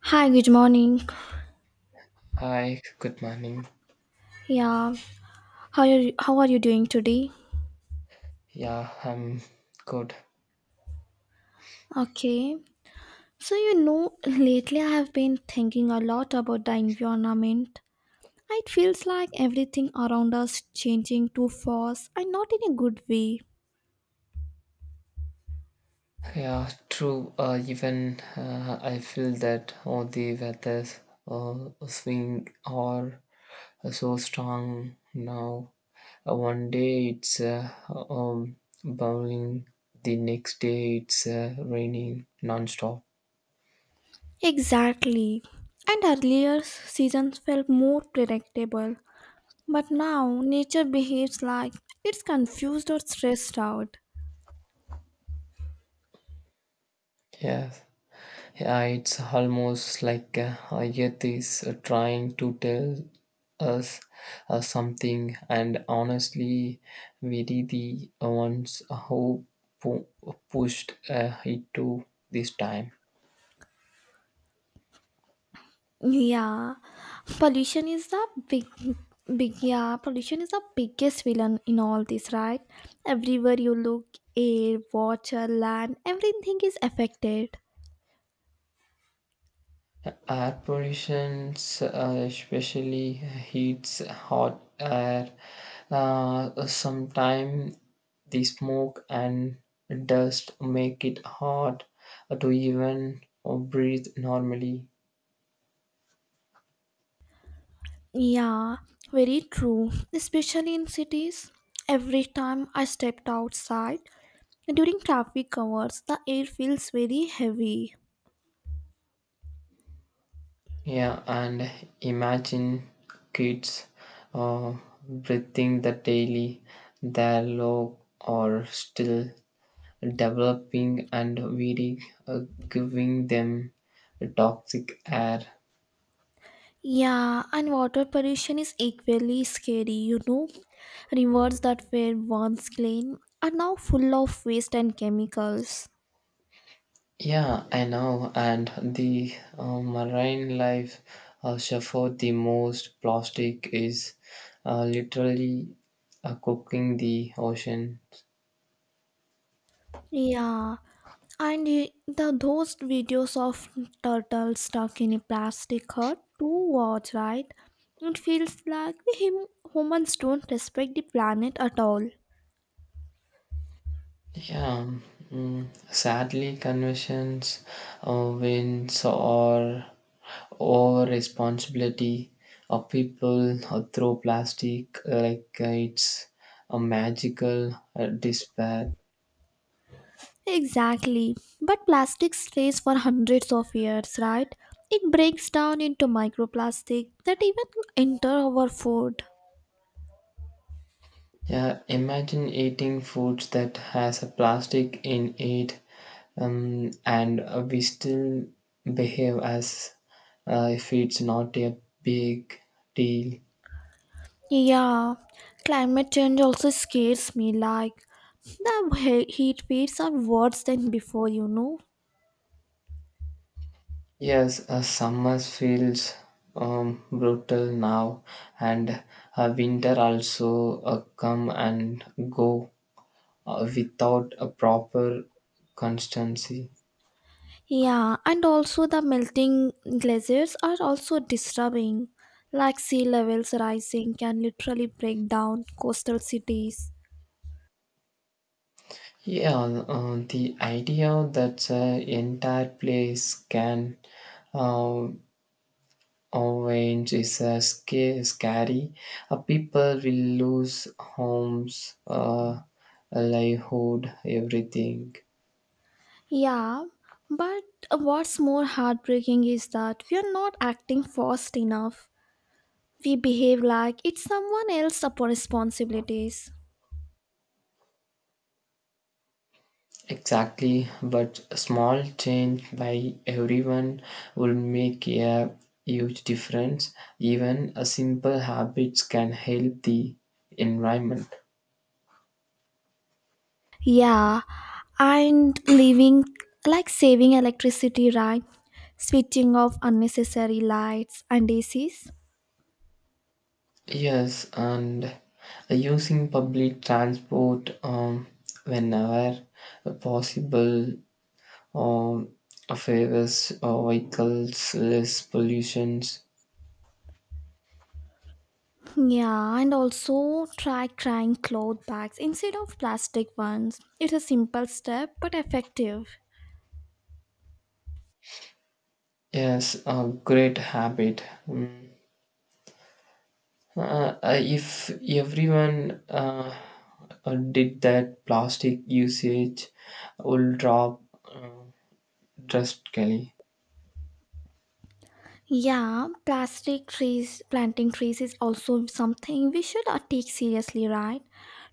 Hi, good morning. Hi, good morning. Yeah, how are you doing today? Yeah, I'm good. Okay. So you know, lately I have been thinking a lot about the environment. It feels like everything around us changing too fast and not in a good way. Yeah, true. Even I feel that all the weather's swing are so strong now. One day it's um, bowling, the next day it's raining non-stop. Exactly. And earlier seasons felt more predictable, but now nature behaves like it's confused or stressed out. Yeah, Yeah, it's almost like Earth is trying to tell us something, and honestly, we did the ones who pu- pushed it to this time. Yeah, pollution is the big, pollution is the biggest villain in all this, right? Everywhere you look, air, water, land, everything is affected. Air pollution, especially heats hot air, sometimes the smoke and dust make it hard to even breathe normally. Yeah, very true, especially in cities. Every time I stepped outside during traffic hours, the air feels very heavy. Yeah, and imagine kids uh, breathing the daily, their low or still developing and weeding, giving them toxic air. Yeah, and water pollution is equally scary. Rivers that were once clean are now full of waste and chemicals. Yeah, I know, and the marine life suffer the most. Plastic is literally cooking the ocean. Yeah, and y- the those videos of turtles stuck in a plastic hut to watch, right? It feels like we humans don't respect the planet at all. Yeah, mm, sadly, conventions, wins, or over responsibility of people throw plastic like it's a magical despair. Exactly. But plastic stays for hundreds of years, right? It breaks down into microplastic that even enter our food. Yeah, imagine eating foods that has a plastic in it, and we still behave as if it's not a big deal. Yeah, climate change also scares me like the heat waves are worse than before. Yes, summer feels brutal now, and winter also come and go without a proper constancy. Yeah, and also the melting glaciers are also disturbing. Like sea levels rising can literally break down coastal cities. Yeah, the idea that the entire place can uh, orange is scary. People will lose homes, livelihood, everything. Yeah, but what's more heartbreaking is that we are not acting fast enough. We behave like it's someone else's responsibilities. Exactly, but a small change by everyone will make a huge difference. Even a simple habits can help the environment. Yeah, and living like saving electricity, right? Switching off unnecessary lights and ACs. Yes, and using public transport whenever possible um, favors vehicles less pollutions. Yeah, and also trying cloth bags instead of plastic ones. It's a simple step but effective. Yes, a great habit. Mm. If everyone did that, plastic usage will drop uh, drastically. Yeah, plastic trees, planting trees is also something we should take seriously, right?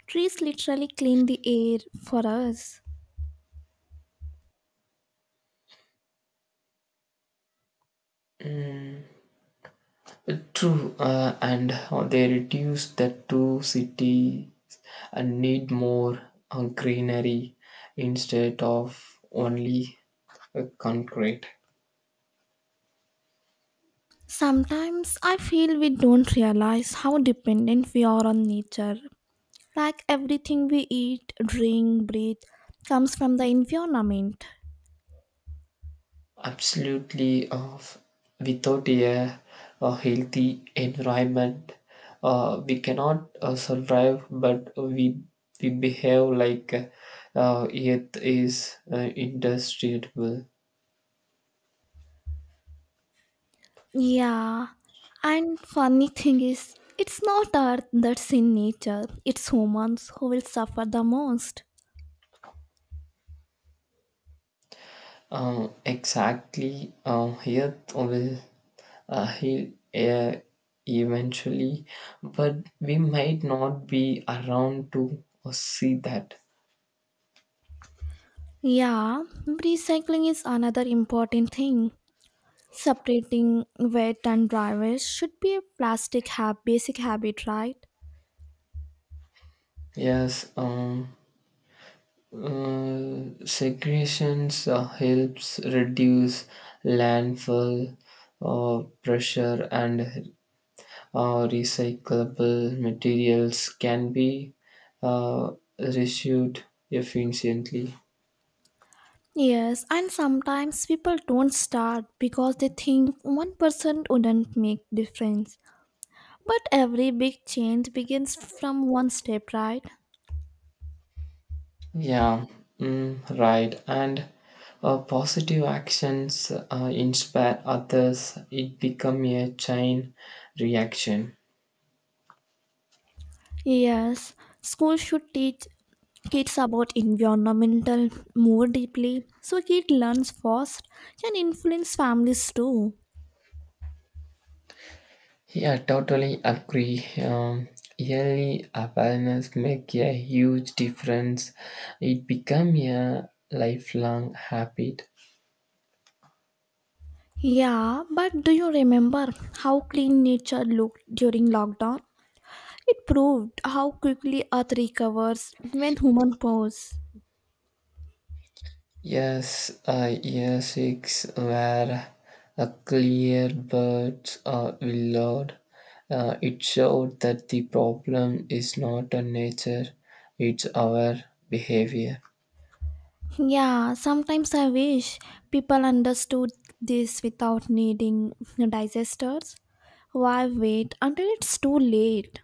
Trees literally clean the air for us. Mm, true, and they reduce that to cities and need more greenery instead of only concrete. Sometimes I feel we don't realize how dependent we are on nature. Like everything we eat, drink, breathe comes from the environment. Absolutely, without a healthy environment, we cannot survive, but we behave like it is indestructible. Yeah, and funny thing is, it's not Earth that's in nature, it's humans who will suffer the most. Exactly, earth will heal eventually, but we might not be around to see that. Yeah, recycling is another important thing. Separating wet and dry waste should be a basic habit, right? Yes, segregations helps reduce landfill pressure and recyclable materials can be uh, reused efficiently. Yes, and sometimes people don't start because they think one person wouldn't make difference. But every big change begins from one step, right? Yeah, right. And positive actions inspire others. It become a chain reaction. Yes, schools should teach kids about environmental more deeply so kid learns first can influence families too. Yeah, totally agree. Yearly awareness make a huge difference. It become a lifelong habit. Yeah, but do you remember how clean nature looked during lockdown? It proved how quickly Earth recovers when human pause. Yes, year six where a clear birds are willowed. It showed that the problem is not a nature, it's our behavior. Yeah, sometimes I wish people understood this without needing digesters. Why wait until it's too late?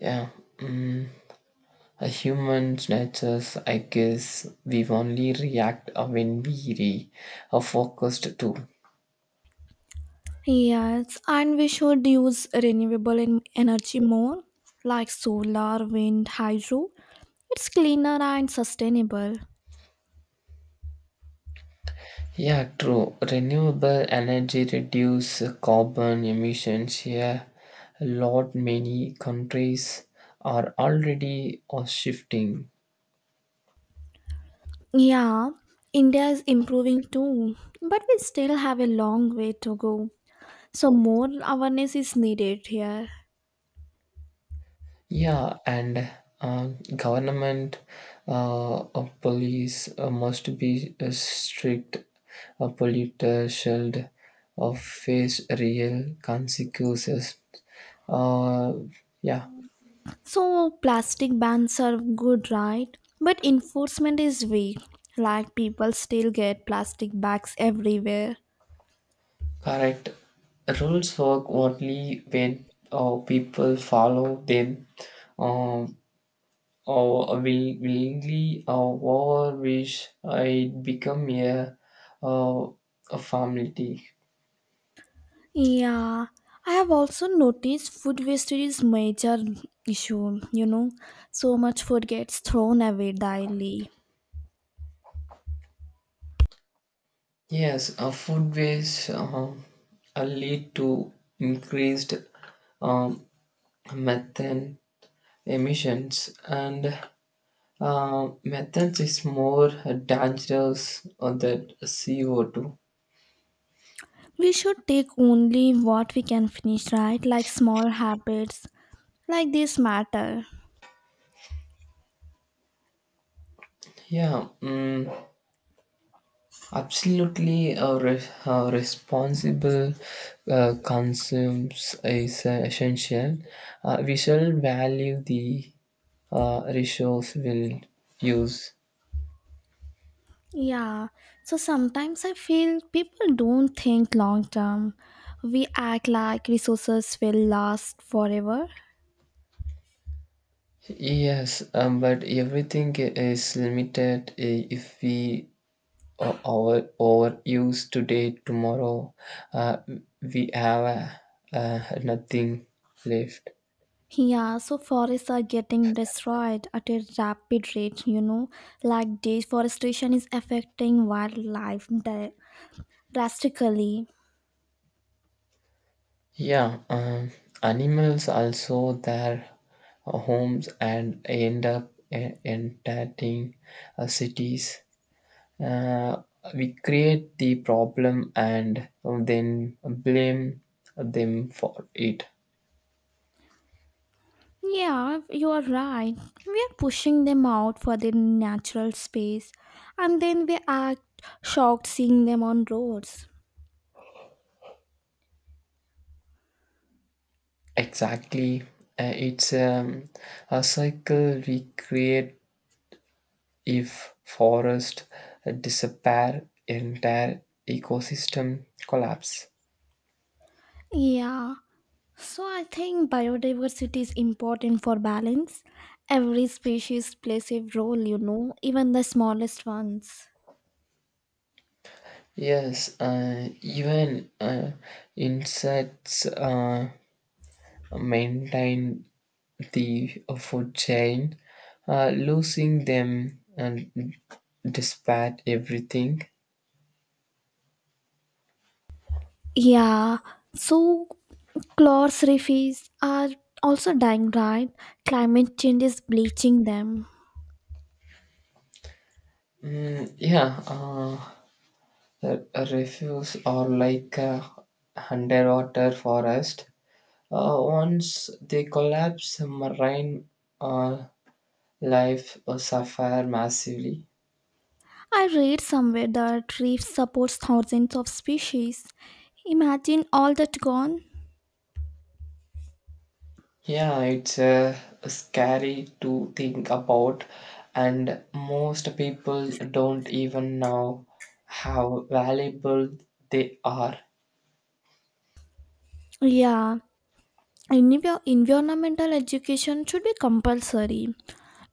Yeah. mm. A human natures, I guess, we only react when we are focused too. Yes, and we should use renewable energy more, like solar, wind, hydro. It's cleaner and sustainable. Yeah, true. Renewable energy reduce carbon emissions here. A lot many countries are already shifting. Yeah, India is improving too, but we still have a long way to go. So more awareness is needed here. Yeah, and uh, government, police must be strict. A polluter should face real consequences. Uh, yeah, So plastic bans are good, right? But enforcement is weak. Like people still get plastic bags everywhere. correct. Rules work only when people follow them um, or willingly or over which it become uh, a formality. Yeah, I have also noticed food wastage is major issue. So much food gets thrown away daily. Yes, food waste lead to increased um, methane emissions, and methane is more dangerous than CO2. We should take only what we can finish, right? Like small habits like this matter. Yeah, absolutely. Responsible consumes is essential. We shall value the resource we'll use. Yeah, so sometimes I feel people don't think long term. We act like resources will last forever. Yes, but everything is limited. If we overuse today, tomorrow, uh, we have nothing left. Yeah, so forests are getting destroyed at a rapid rate, like deforestation is affecting wildlife drastically. Yeah, animals also their homes and end up entering cities. Uh, we create the problem and then blame them for it. Yeah, you are right. We are pushing them out for their natural space and then we act shocked seeing them on roads. Exactly. It's a cycle we create if forest disappear, entire ecosystem collapse. Yeah, so I think biodiversity is important for balance. Every species plays a role, even the smallest ones. Yes, even insects maintain the food chain, losing them and despite everything. Yeah, so clores reefs are also dying, right? Climate change is bleaching them. Mm, yeah, the refuse are like a underwater forest. Once they collapse, marine uh, life suffer massively. I read somewhere that reefs supports thousands of species. Imagine all that gone. Yeah, it's scary to think about, and most people don't even know how valuable they are. Yeah, environmental education should be compulsory.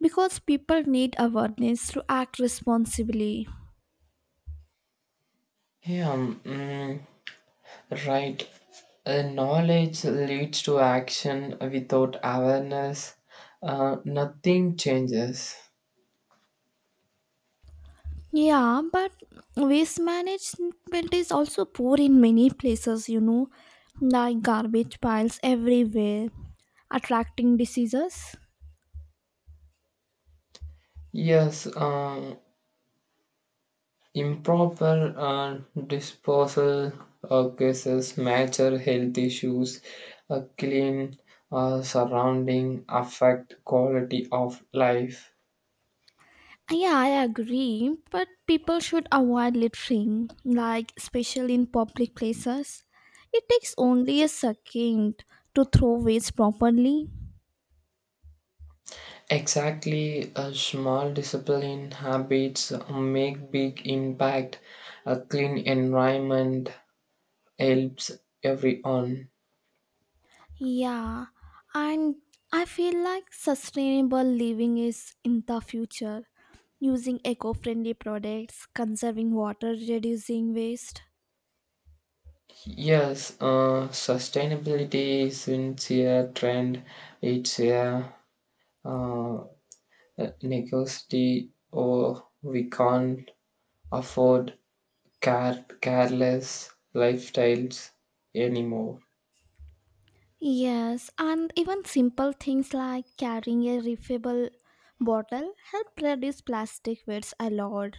because people need awareness to act responsibly. Yeah, mm, right. Knowledge leads to action. Without awareness, nothing changes. Yeah, but waste management is also poor in many places, like garbage piles everywhere, attracting diseases. Yes, improper disposal cases, major health issues, a clean surrounding affect quality of life. Yeah, I agree, but people should avoid littering, like especially in public places. It takes only a second to throw waste properly. Exactly, a small discipline habits make big impact. A clean environment helps everyone. Yeah, and I feel like sustainable living is in the future, using eco friendly products, conserving water, reducing waste. Yes, sustainability isn't a trend, it's a uh, necessity, or we can't afford careless lifestyles anymore. Yes, and even simple things like carrying a refillable bottle help reduce plastic waste a lot.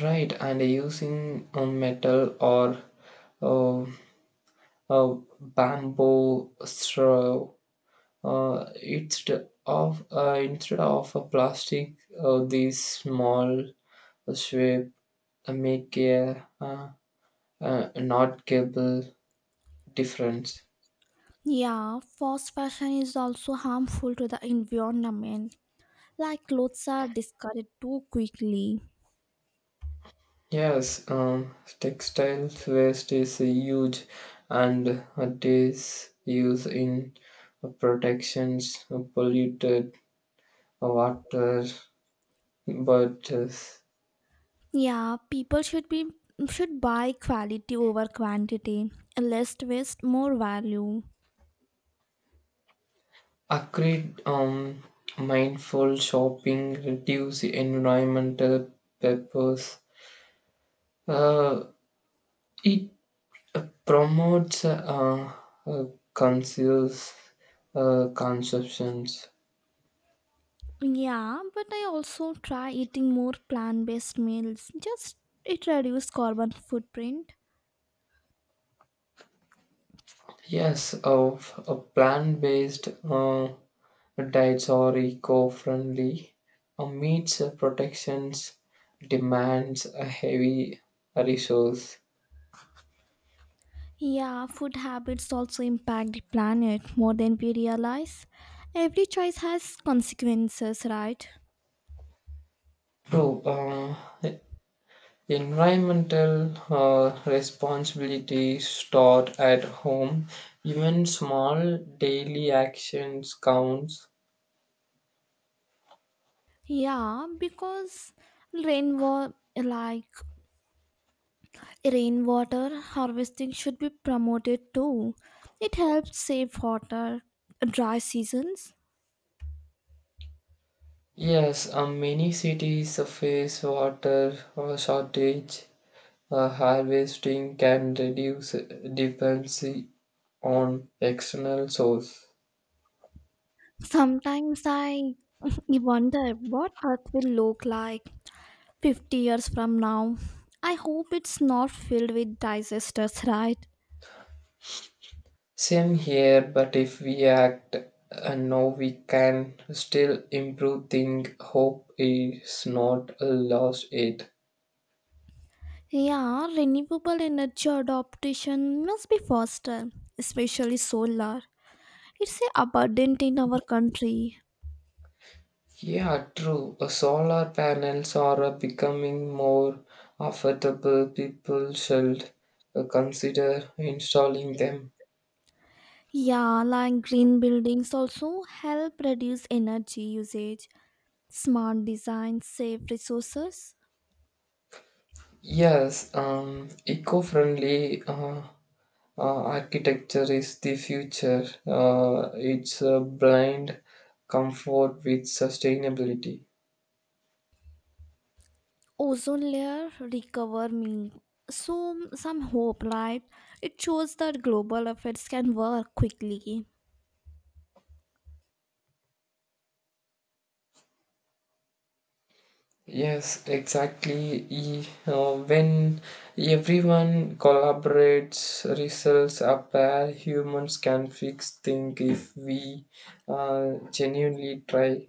Right, and using metal or uh, bamboo straw, uh, instead instead of a plastic, these small sweep make a noticeable difference. Yeah, fast fashion is also harmful to the environment, like clothes are discarded too quickly. Yes, textile waste is huge, and it is used in protections, polluted water, but Yeah, people should buy quality over quantity. Less waste, more value. agreed. Mindful shopping reduce environmental purpose. Uh, it promotes uh, conceals conceptions. Yeah, but I also try eating more plant-based meals. Just it reduces carbon footprint. Yes, of a plant-based diets are eco-friendly. Meets protections demands a heavy resource. Yeah, food habits also impact the planet more than we realize. Every choice has consequences, right? True. Environmental responsibility start at home, even small daily actions counts. Yeah, because rainwater like rainwater harvesting should be promoted too. It helps save water, dry seasons. Yes, many cities face water shortage. Harvesting can reduce dependency on external source. Sometimes I wonder what Earth will look like 50 years from now. I hope it's not filled with disasters, right? Same here, but if we act now, we can still improve things. Hope is not lost yet. Yeah, renewable energy adoption must be faster, especially solar. It's abundant in our country. Yeah, true. Solar panels are becoming more affordable. People should consider installing them. Yeah, like green buildings also help reduce energy usage. Smart design save resources. Yes, eco-friendly architecture is the future. It's a blind comfort with sustainability. Ozone layer recover me, so some hope, right? It shows that global efforts can work quickly. Yes, exactly. When everyone collaborates, results appear. Humans can fix things if we genuinely try.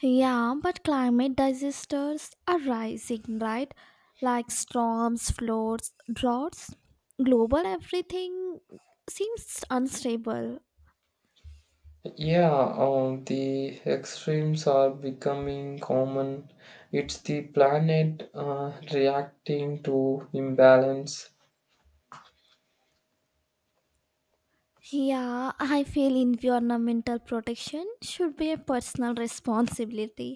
Yeah, but climate disasters are rising, right? Like storms, floods, droughts, global everything seems unstable. Yeah, the extremes are becoming common. It's the planet reacting to imbalance. Yeah, I feel environmental protection should be a personal responsibility,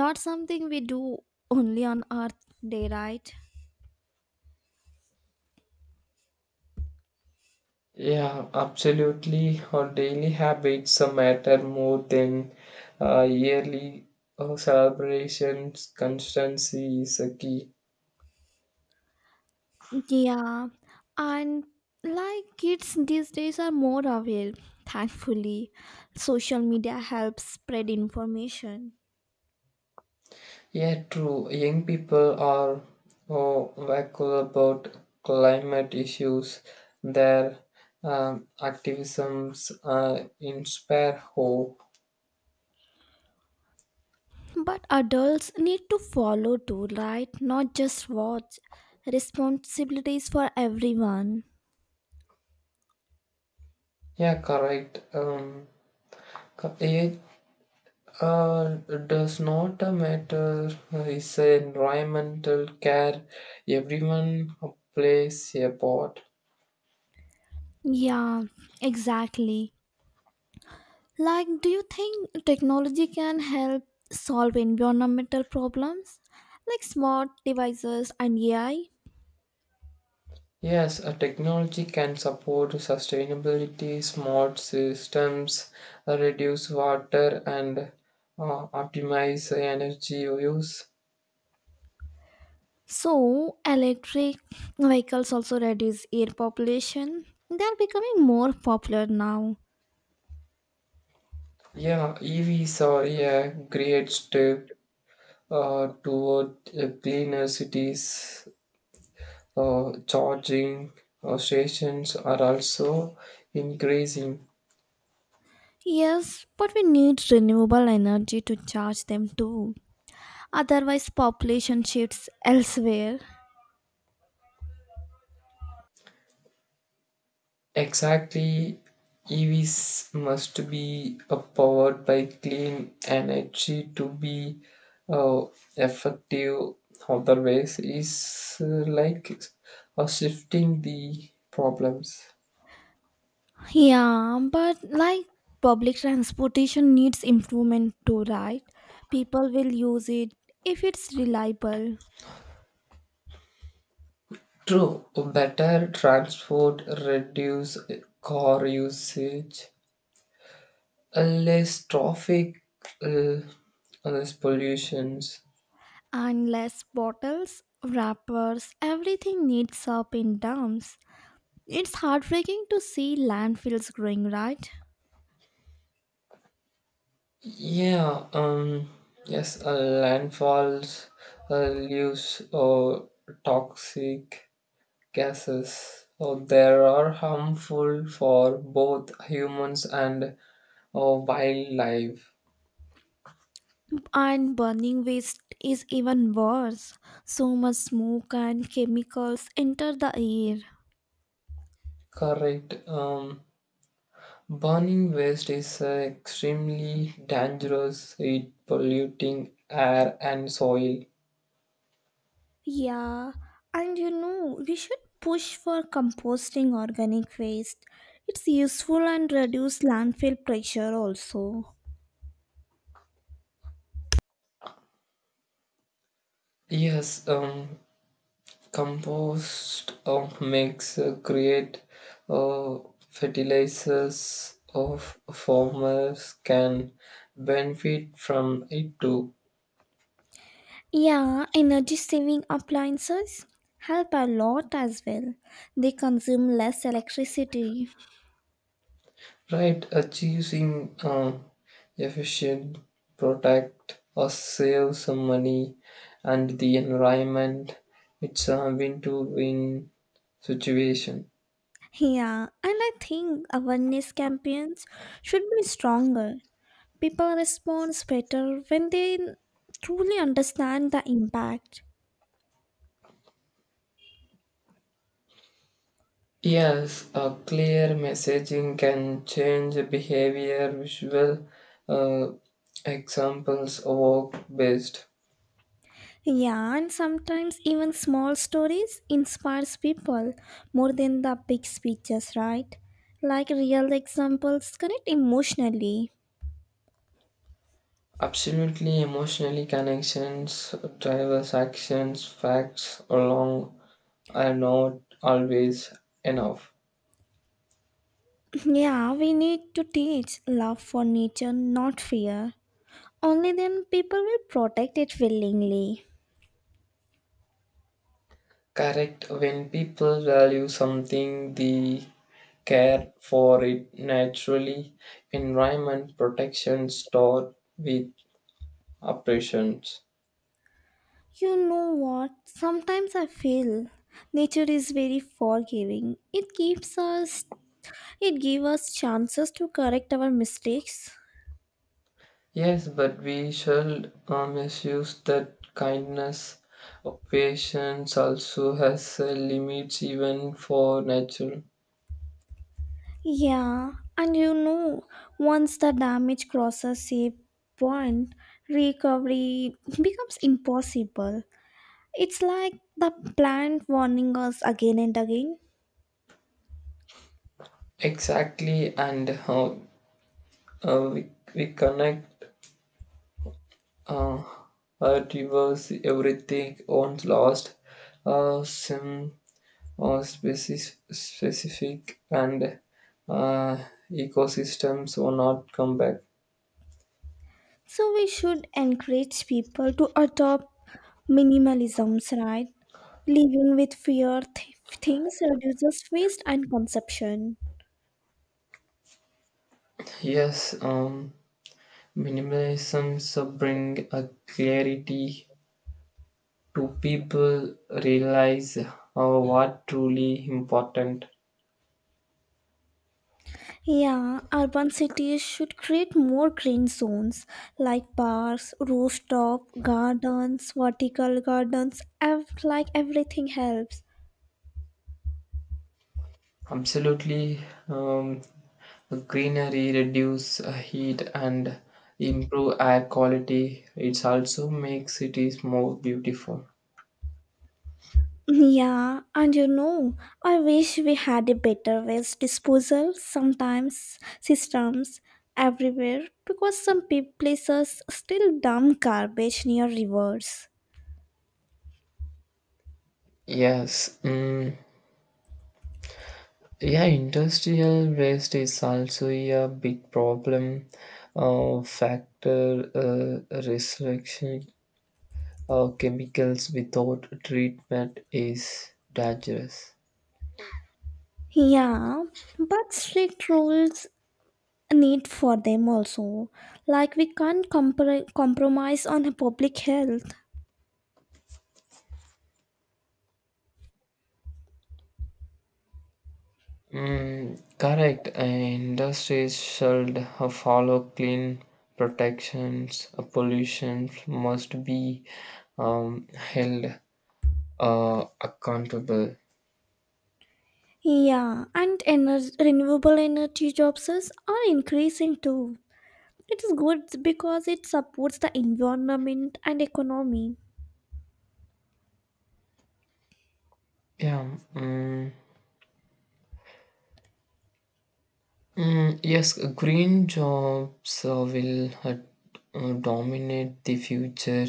not something we do only on Earth Day, right? Yeah, absolutely. Our daily habits matter more than yearly celebrations. Constancy is a key. Yeah, and like kids these days are more aware, thankfully. Social media helps spread information, Yeah, true. Young people are oh, vocal about climate issues. Their activisms inspire hope. but adults need to follow too, right? Not just watch. Responsibilities for everyone. Yeah, correct. It uh, does not matter. It's a environmental care. Everyone plays a part. Yeah, exactly. Like, do you think technology can help solve environmental problems like smart devices and AI? Yes, a technology can support sustainability, smart systems, reduce water and optimize energy use. So, electric vehicles also reduce air population. They are becoming more popular now. Yeah, EVs are a great step toward cleaner cities. Charging stations are also increasing. Yes, but we need renewable energy to charge them too. Otherwise, population shifts elsewhere. Exactly, EVs must be powered by clean energy to be uh, effective. Otherwise, it's like shifting the problems. Yeah, but like public transportation needs improvement too, right? People will use it if it's reliable, True, better transport, reduce car usage, less traffic, uh, less pollutions. and less bottles, wrappers, everything needs up in dumps. It's heartbreaking to see landfills growing, right? Yeah, yes, landfalls leaves or toxic gases. So there are harmful for both humans and wildlife. And burning waste is even worse. So much smoke and chemicals enter the air. Correct. Burning waste is extremely dangerous. It polluting air and soil. Yeah, and we should push for composting organic waste. It's useful and reduce landfill pressure also. Yes. Compost makes create uh, fertilizers of farmers can benefit from it too. Yeah, energy saving appliances help a lot as well. They consume less electricity. Right, achieving efficient product or save some money and the environment, it's a win-to-win situation. Yeah, and I think awareness campaigns should be stronger. People respond better when they truly understand the impact. Yes, a clear messaging can change behavior, visual uh, examples, work based. Yeah, and sometimes even small stories inspires people more than the big speeches, right? Like real examples connect emotionally. Absolutely, emotionally connections, drivers' actions, facts along are not always enough. Yeah, we need to teach love for nature, not fear. Only then people will protect it willingly. Correct, when people value something, they care for it naturally. Environment protection start with operations. You know what? Sometimes I feel nature is very forgiving. It gives us chances to correct our mistakes. Yes, but we should misuse that kindness. Patience also has limits, even for natural. Yeah, and once the damage crosses a point, recovery becomes impossible. It's like the plant warning us again and again. Exactly, and how we connect uh, our rivers, everything once lost, some species, specific and uh, ecosystems will not come back. So we should encourage people to adopt minimalisms, right? Living with fewer things reduces waste and consumption. Yes, minimalism so bring a clarity to people realize what truly important. Yeah, urban cities should create more green zones like parks, rooftop gardens, vertical gardens, everything helps. Absolutely, um, greenery reduce heat and improve air quality. It also makes cities more beautiful. Yeah, and I wish we had a better waste disposal sometimes systems everywhere because some places still dump garbage near rivers. Yes. Yeah, industrial waste is also a big problem factor restriction. Chemicals without treatment is dangerous. Yeah, but strict rules need for them also, like we can't compromise on public health. Mm, correct. Industries should follow clean protections. Pollution must be held accountable. Yeah, and renewable energy jobs are increasing too. It is good because it supports the environment and economy. Yeah, yes, green jobs will dominate the future.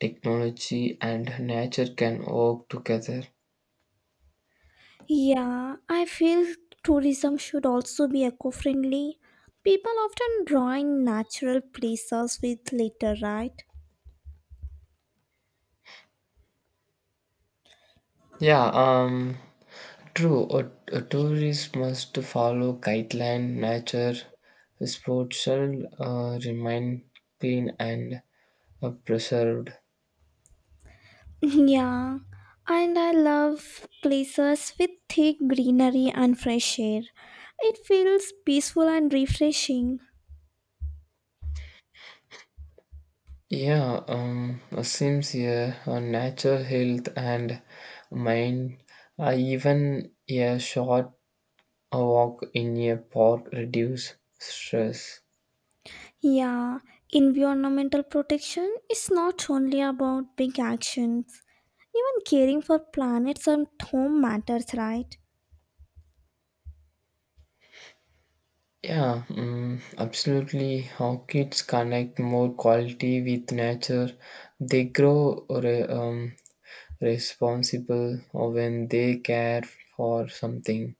Technology and nature can work together. Yeah, I feel tourism should also be eco-friendly. People often drawing natural places with litter, right? Yeah. True, a tourist must follow guideline, nature, sports shall remain clean and preserved. Yeah, and I love places with thick greenery and fresh air. It feels peaceful and refreshing. Yeah, seems here natural health and mind. Even a short walk in a park reduce stress. Yeah, environmental protection is not only about big actions. Even caring for planets and home matters, right? Yeah, absolutely. How kids connect more quality with nature, they grow responsible or when they care for something.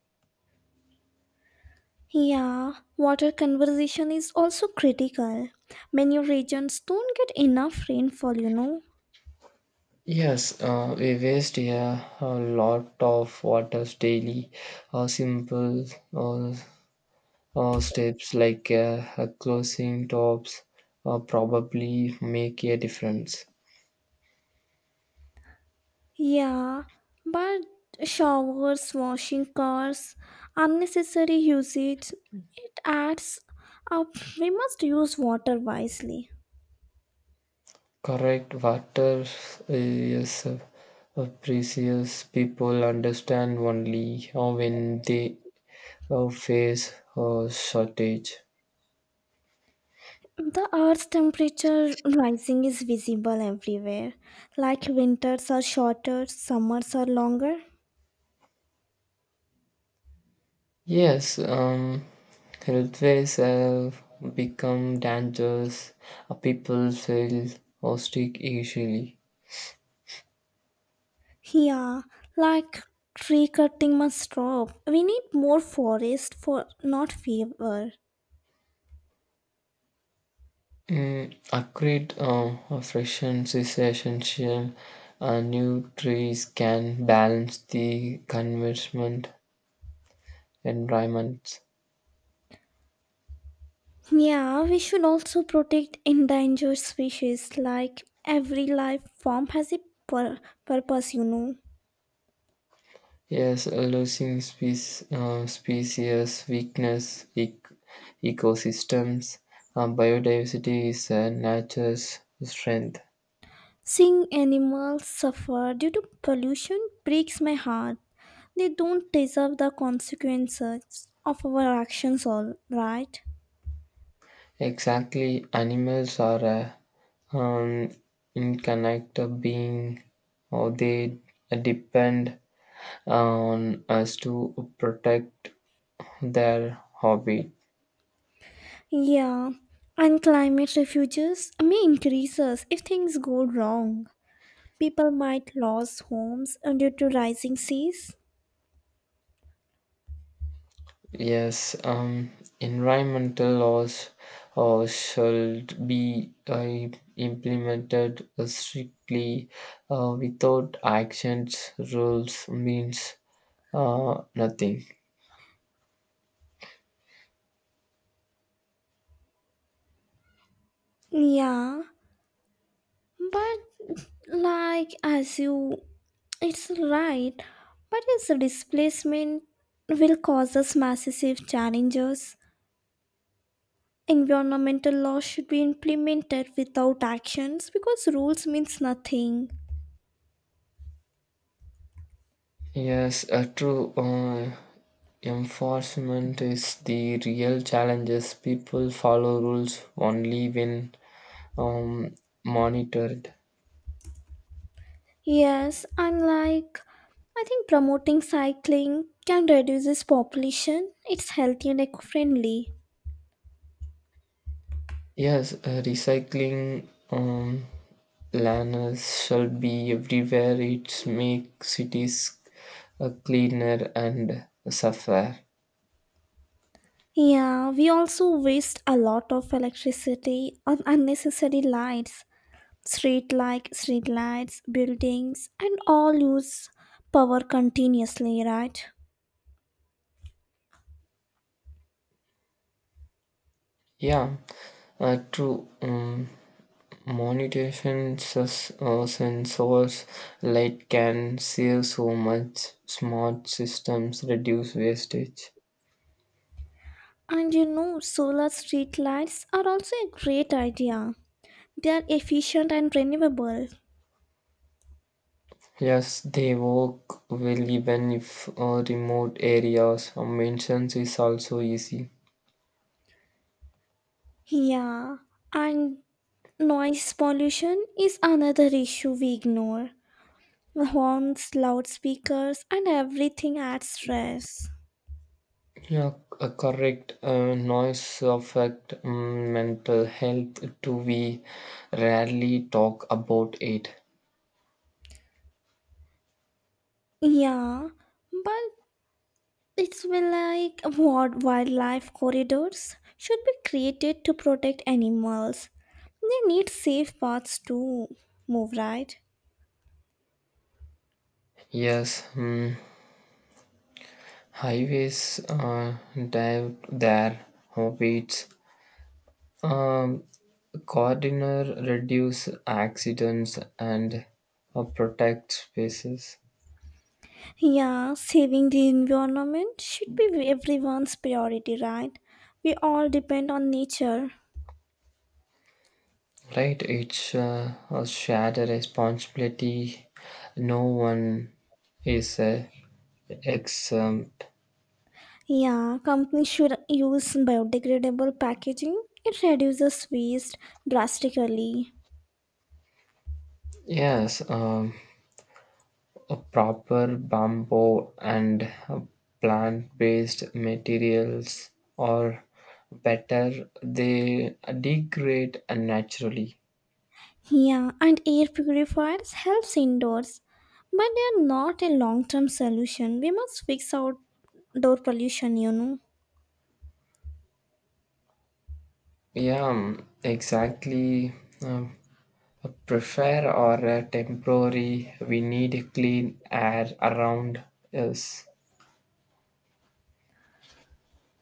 Yeah, water conservation is also critical. Many regions don't get enough rainfall. Yes, we waste a lot of waters daily. Simple uh, steps like closing tops probably make a difference. Yeah, but showers, washing cars, unnecessary usage, it adds up. We must use water wisely. Correct, water is precious. People understand only when they face a shortage. The Earth's temperature rising is visible everywhere. Like winters are shorter, summers are longer. Yes, health ways have become dangerous. People feel hostic easily. Yeah, like tree cutting must stop. We need more forest for not fewer. Mm, upgrade freshness is essential. New trees can balance the convergement environment. Yeah, we should also protect endangered species. Like every life form has a pur- purpose. Yes, losing species, species weakness, ecosystems, biodiversity is nature's strength. Seeing animals suffer due to pollution breaks my heart. They don't deserve the consequences of our actions, all right? Exactly, animals are a um, interconnected being, or they depend on us to protect their hobby. Yeah, and climate refuges may increase us if things go wrong. People might lose homes due to rising seas. Yes, environmental laws should be implemented strictly. Without actions, rules means nothing. Yeah, but like as you it's right, but its displacement will cause us massive challenges. Environmental laws should be implemented without actions because rules means nothing. Yes, a true enforcement is the real challenges. People follow rules only when um, monitored. Yes, I think promoting cycling can reduce its population. It's healthy and eco-friendly. Yes, recycling planners shall be everywhere. It make cities cleaner and safer. Yeah, we also waste a lot of electricity on unnecessary lights. Street lights, buildings, and all use power continuously, right? Yeah, true. Motivation sensors light can save so much. Smart systems reduce wastage. And solar street lights are also a great idea. They are efficient and renewable. Yes, they work well even if remote areas. Maintenance is also easy. Yeah, and noise pollution is another issue we ignore. Horns, loudspeakers, and everything adds stress. Yeah, a correct noise affect mental health too. We rarely talk about it. Yeah, but It's been like what wildlife corridors should be created to protect animals. They need safe paths to move, right? Yes, highways dive there, hobbits. Um, Coordinator reduce accidents and protect spaces. Yeah, saving the environment should be everyone's priority, right? We all depend on nature. Right, it's a shared responsibility. No one is exempt. Yeah, companies should use biodegradable packaging. It reduces waste drastically. Yes, a proper bamboo and plant-based materials are better. They degrade naturally. Yeah, and air purifiers helps indoors, but they are not a long-term solution. We must fix outdoor pollution. Yeah, exactly. Um, Prefer or temporary we need clean air around us.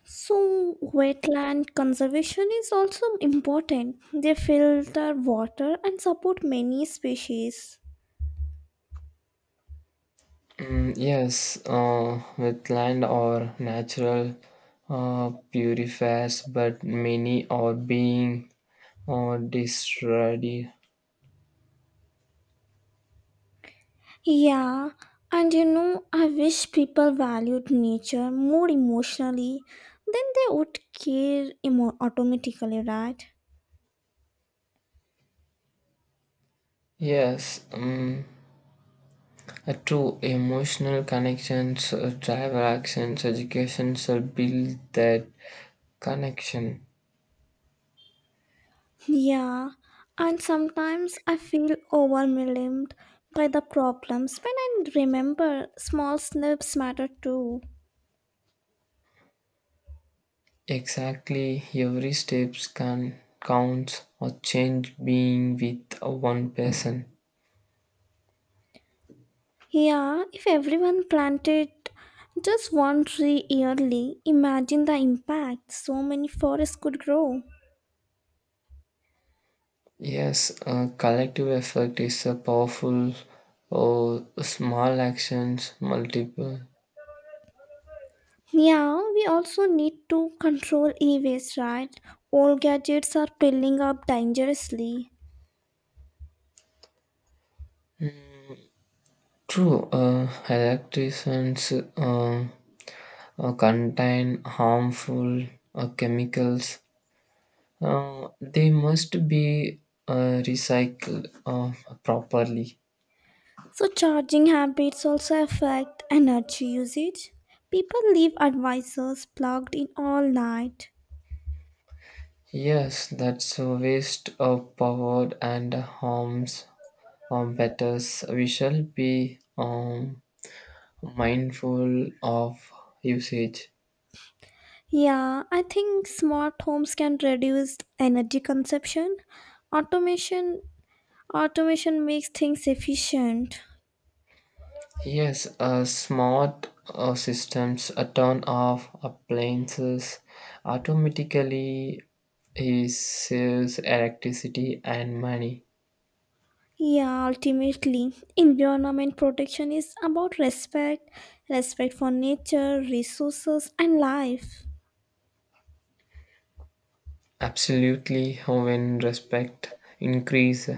So wetland conservation is also important. They filter water and support many species. Mm, yes, with land or natural purifiers, but many are being destroyed. Yeah, and I wish people valued nature more emotionally, then they would care automatically, right? Yes, true emotional connections travel actions, education should build that connection. Yeah, and sometimes I feel overwhelmed by the problems when I remember small snips matter too. Exactly, every steps can count or change being with one person. Yeah, if everyone planted just one tree yearly, imagine the impact so many forests could grow. Yes, a collective effect is a powerful or small actions multiple. Yeah, we also need to control e waste, right? Old gadgets are piling up dangerously. True, electricians uh, contain harmful chemicals. They must be recycled properly. So, charging habits also affect energy usage. People leave advisors plugged in all night. Yes, that's a waste of power and harms betters. We shall be mindful of usage. Yeah, I think smart homes can reduce energy consumption. Automation automation makes things efficient. Yes, smart systems turn off appliances automatically. It saves electricity and money. Yeah, ultimately, environment protection is about respect, respect for nature, resources and life. Absolutely, when respect increase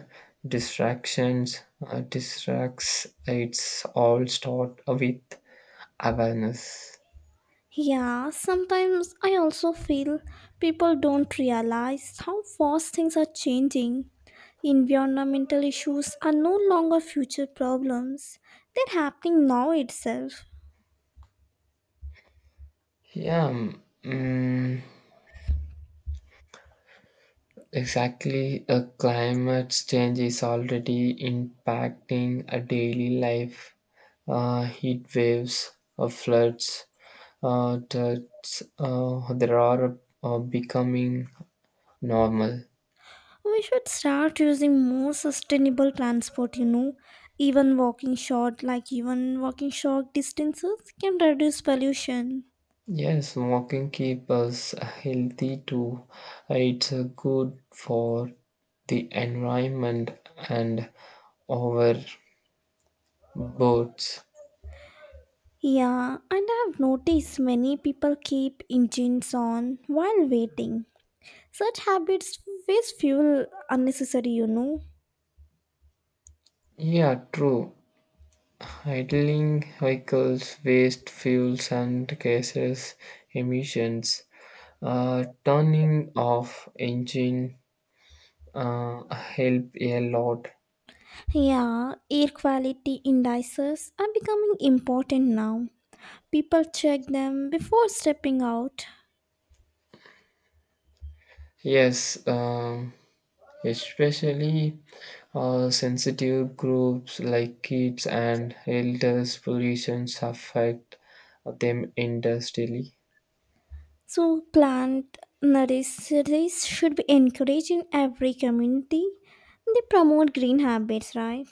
distractions distracts, it's all start with awareness. Yeah, sometimes I also feel people don't realize how fast things are changing. Environmental issues are no longer future problems, they're happening now itself. Yeah, mm, exactly. A climate change is already impacting a daily life. Heat waves, floods, droughts, there are becoming normal. We should start using more sustainable transport. Even walking short distances can reduce pollution. Yes, walking keep us healthy too. It's good for the environment and our boats. Yeah, and I have noticed many people keep engines on while waiting. Such habits waste fuel unnecessary. Yeah, true. Idling vehicles waste fuels and gases emissions. Turning off engine help a lot. Yeah, air quality indices are becoming important now. People check them before stepping out. Yes, especially sensitive groups like kids and elders pollutions affect them industrially. So plant nurseries should be encouraged in every community. They promote green habits, right?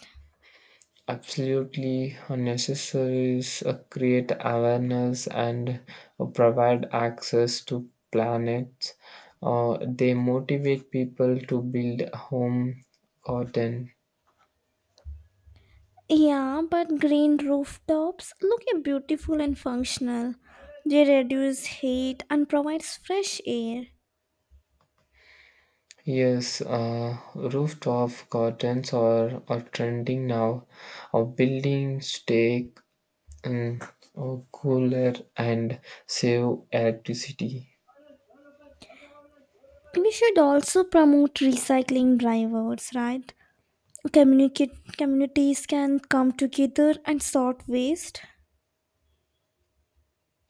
Absolutely unnecessary is create awareness and provide access to planets. They motivate people to build home garden. Yeah, but green rooftops look beautiful and functional. They reduce heat and provides fresh air. Yes, rooftop gardens are trending now or building stake. Mm, oh, cooler and save electricity. We should also promote recycling drivers, right? Communicate communities can come together and sort waste.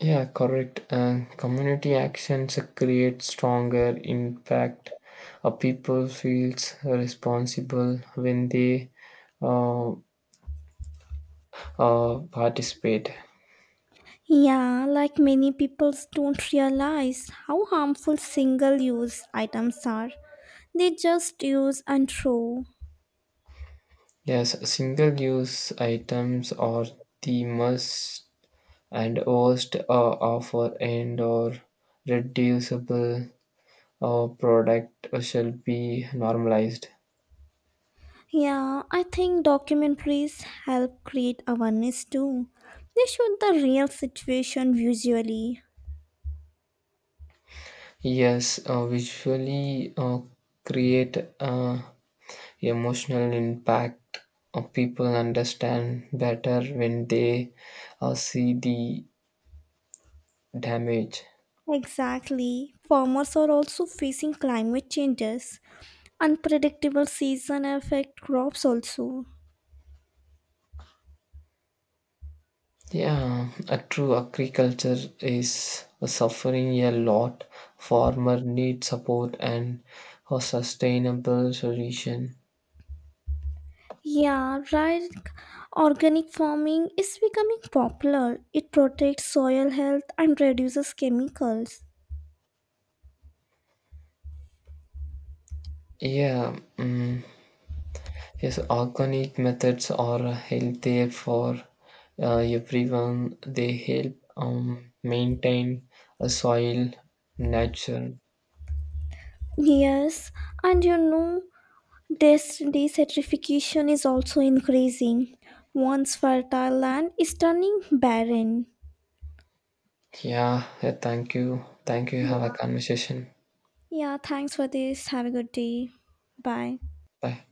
Yeah, correct. Community actions create stronger impact. People feels responsible when they uh, participate. Yeah, like many people don't realize how harmful single-use items are. They just use and throw. Yes, single-use items are the must and worst offer and or reducible product shall be normalized. Yeah, I think documentaries help create awareness too. They show the real situation visually. Yes, visually create emotional impact. People understand better when they see the damage. Exactly. Farmers are also facing climate changes. Unpredictable season affect crops also. Yeah, a true agriculture is suffering a lot. Farmer need support and a sustainable solution. Yeah, right. Organic farming is becoming popular. It protects soil health and reduces chemicals. Yeah. Mm. Yes, organic methods are healthier for everyone. They help maintain a soil nature. Yes, and desertification is also increasing. Once fertile land is turning barren. Yeah, yeah, thank you. Thank you. Have a Yeah, conversation. yeah, thanks for this. Have a good day. Bye. Bye.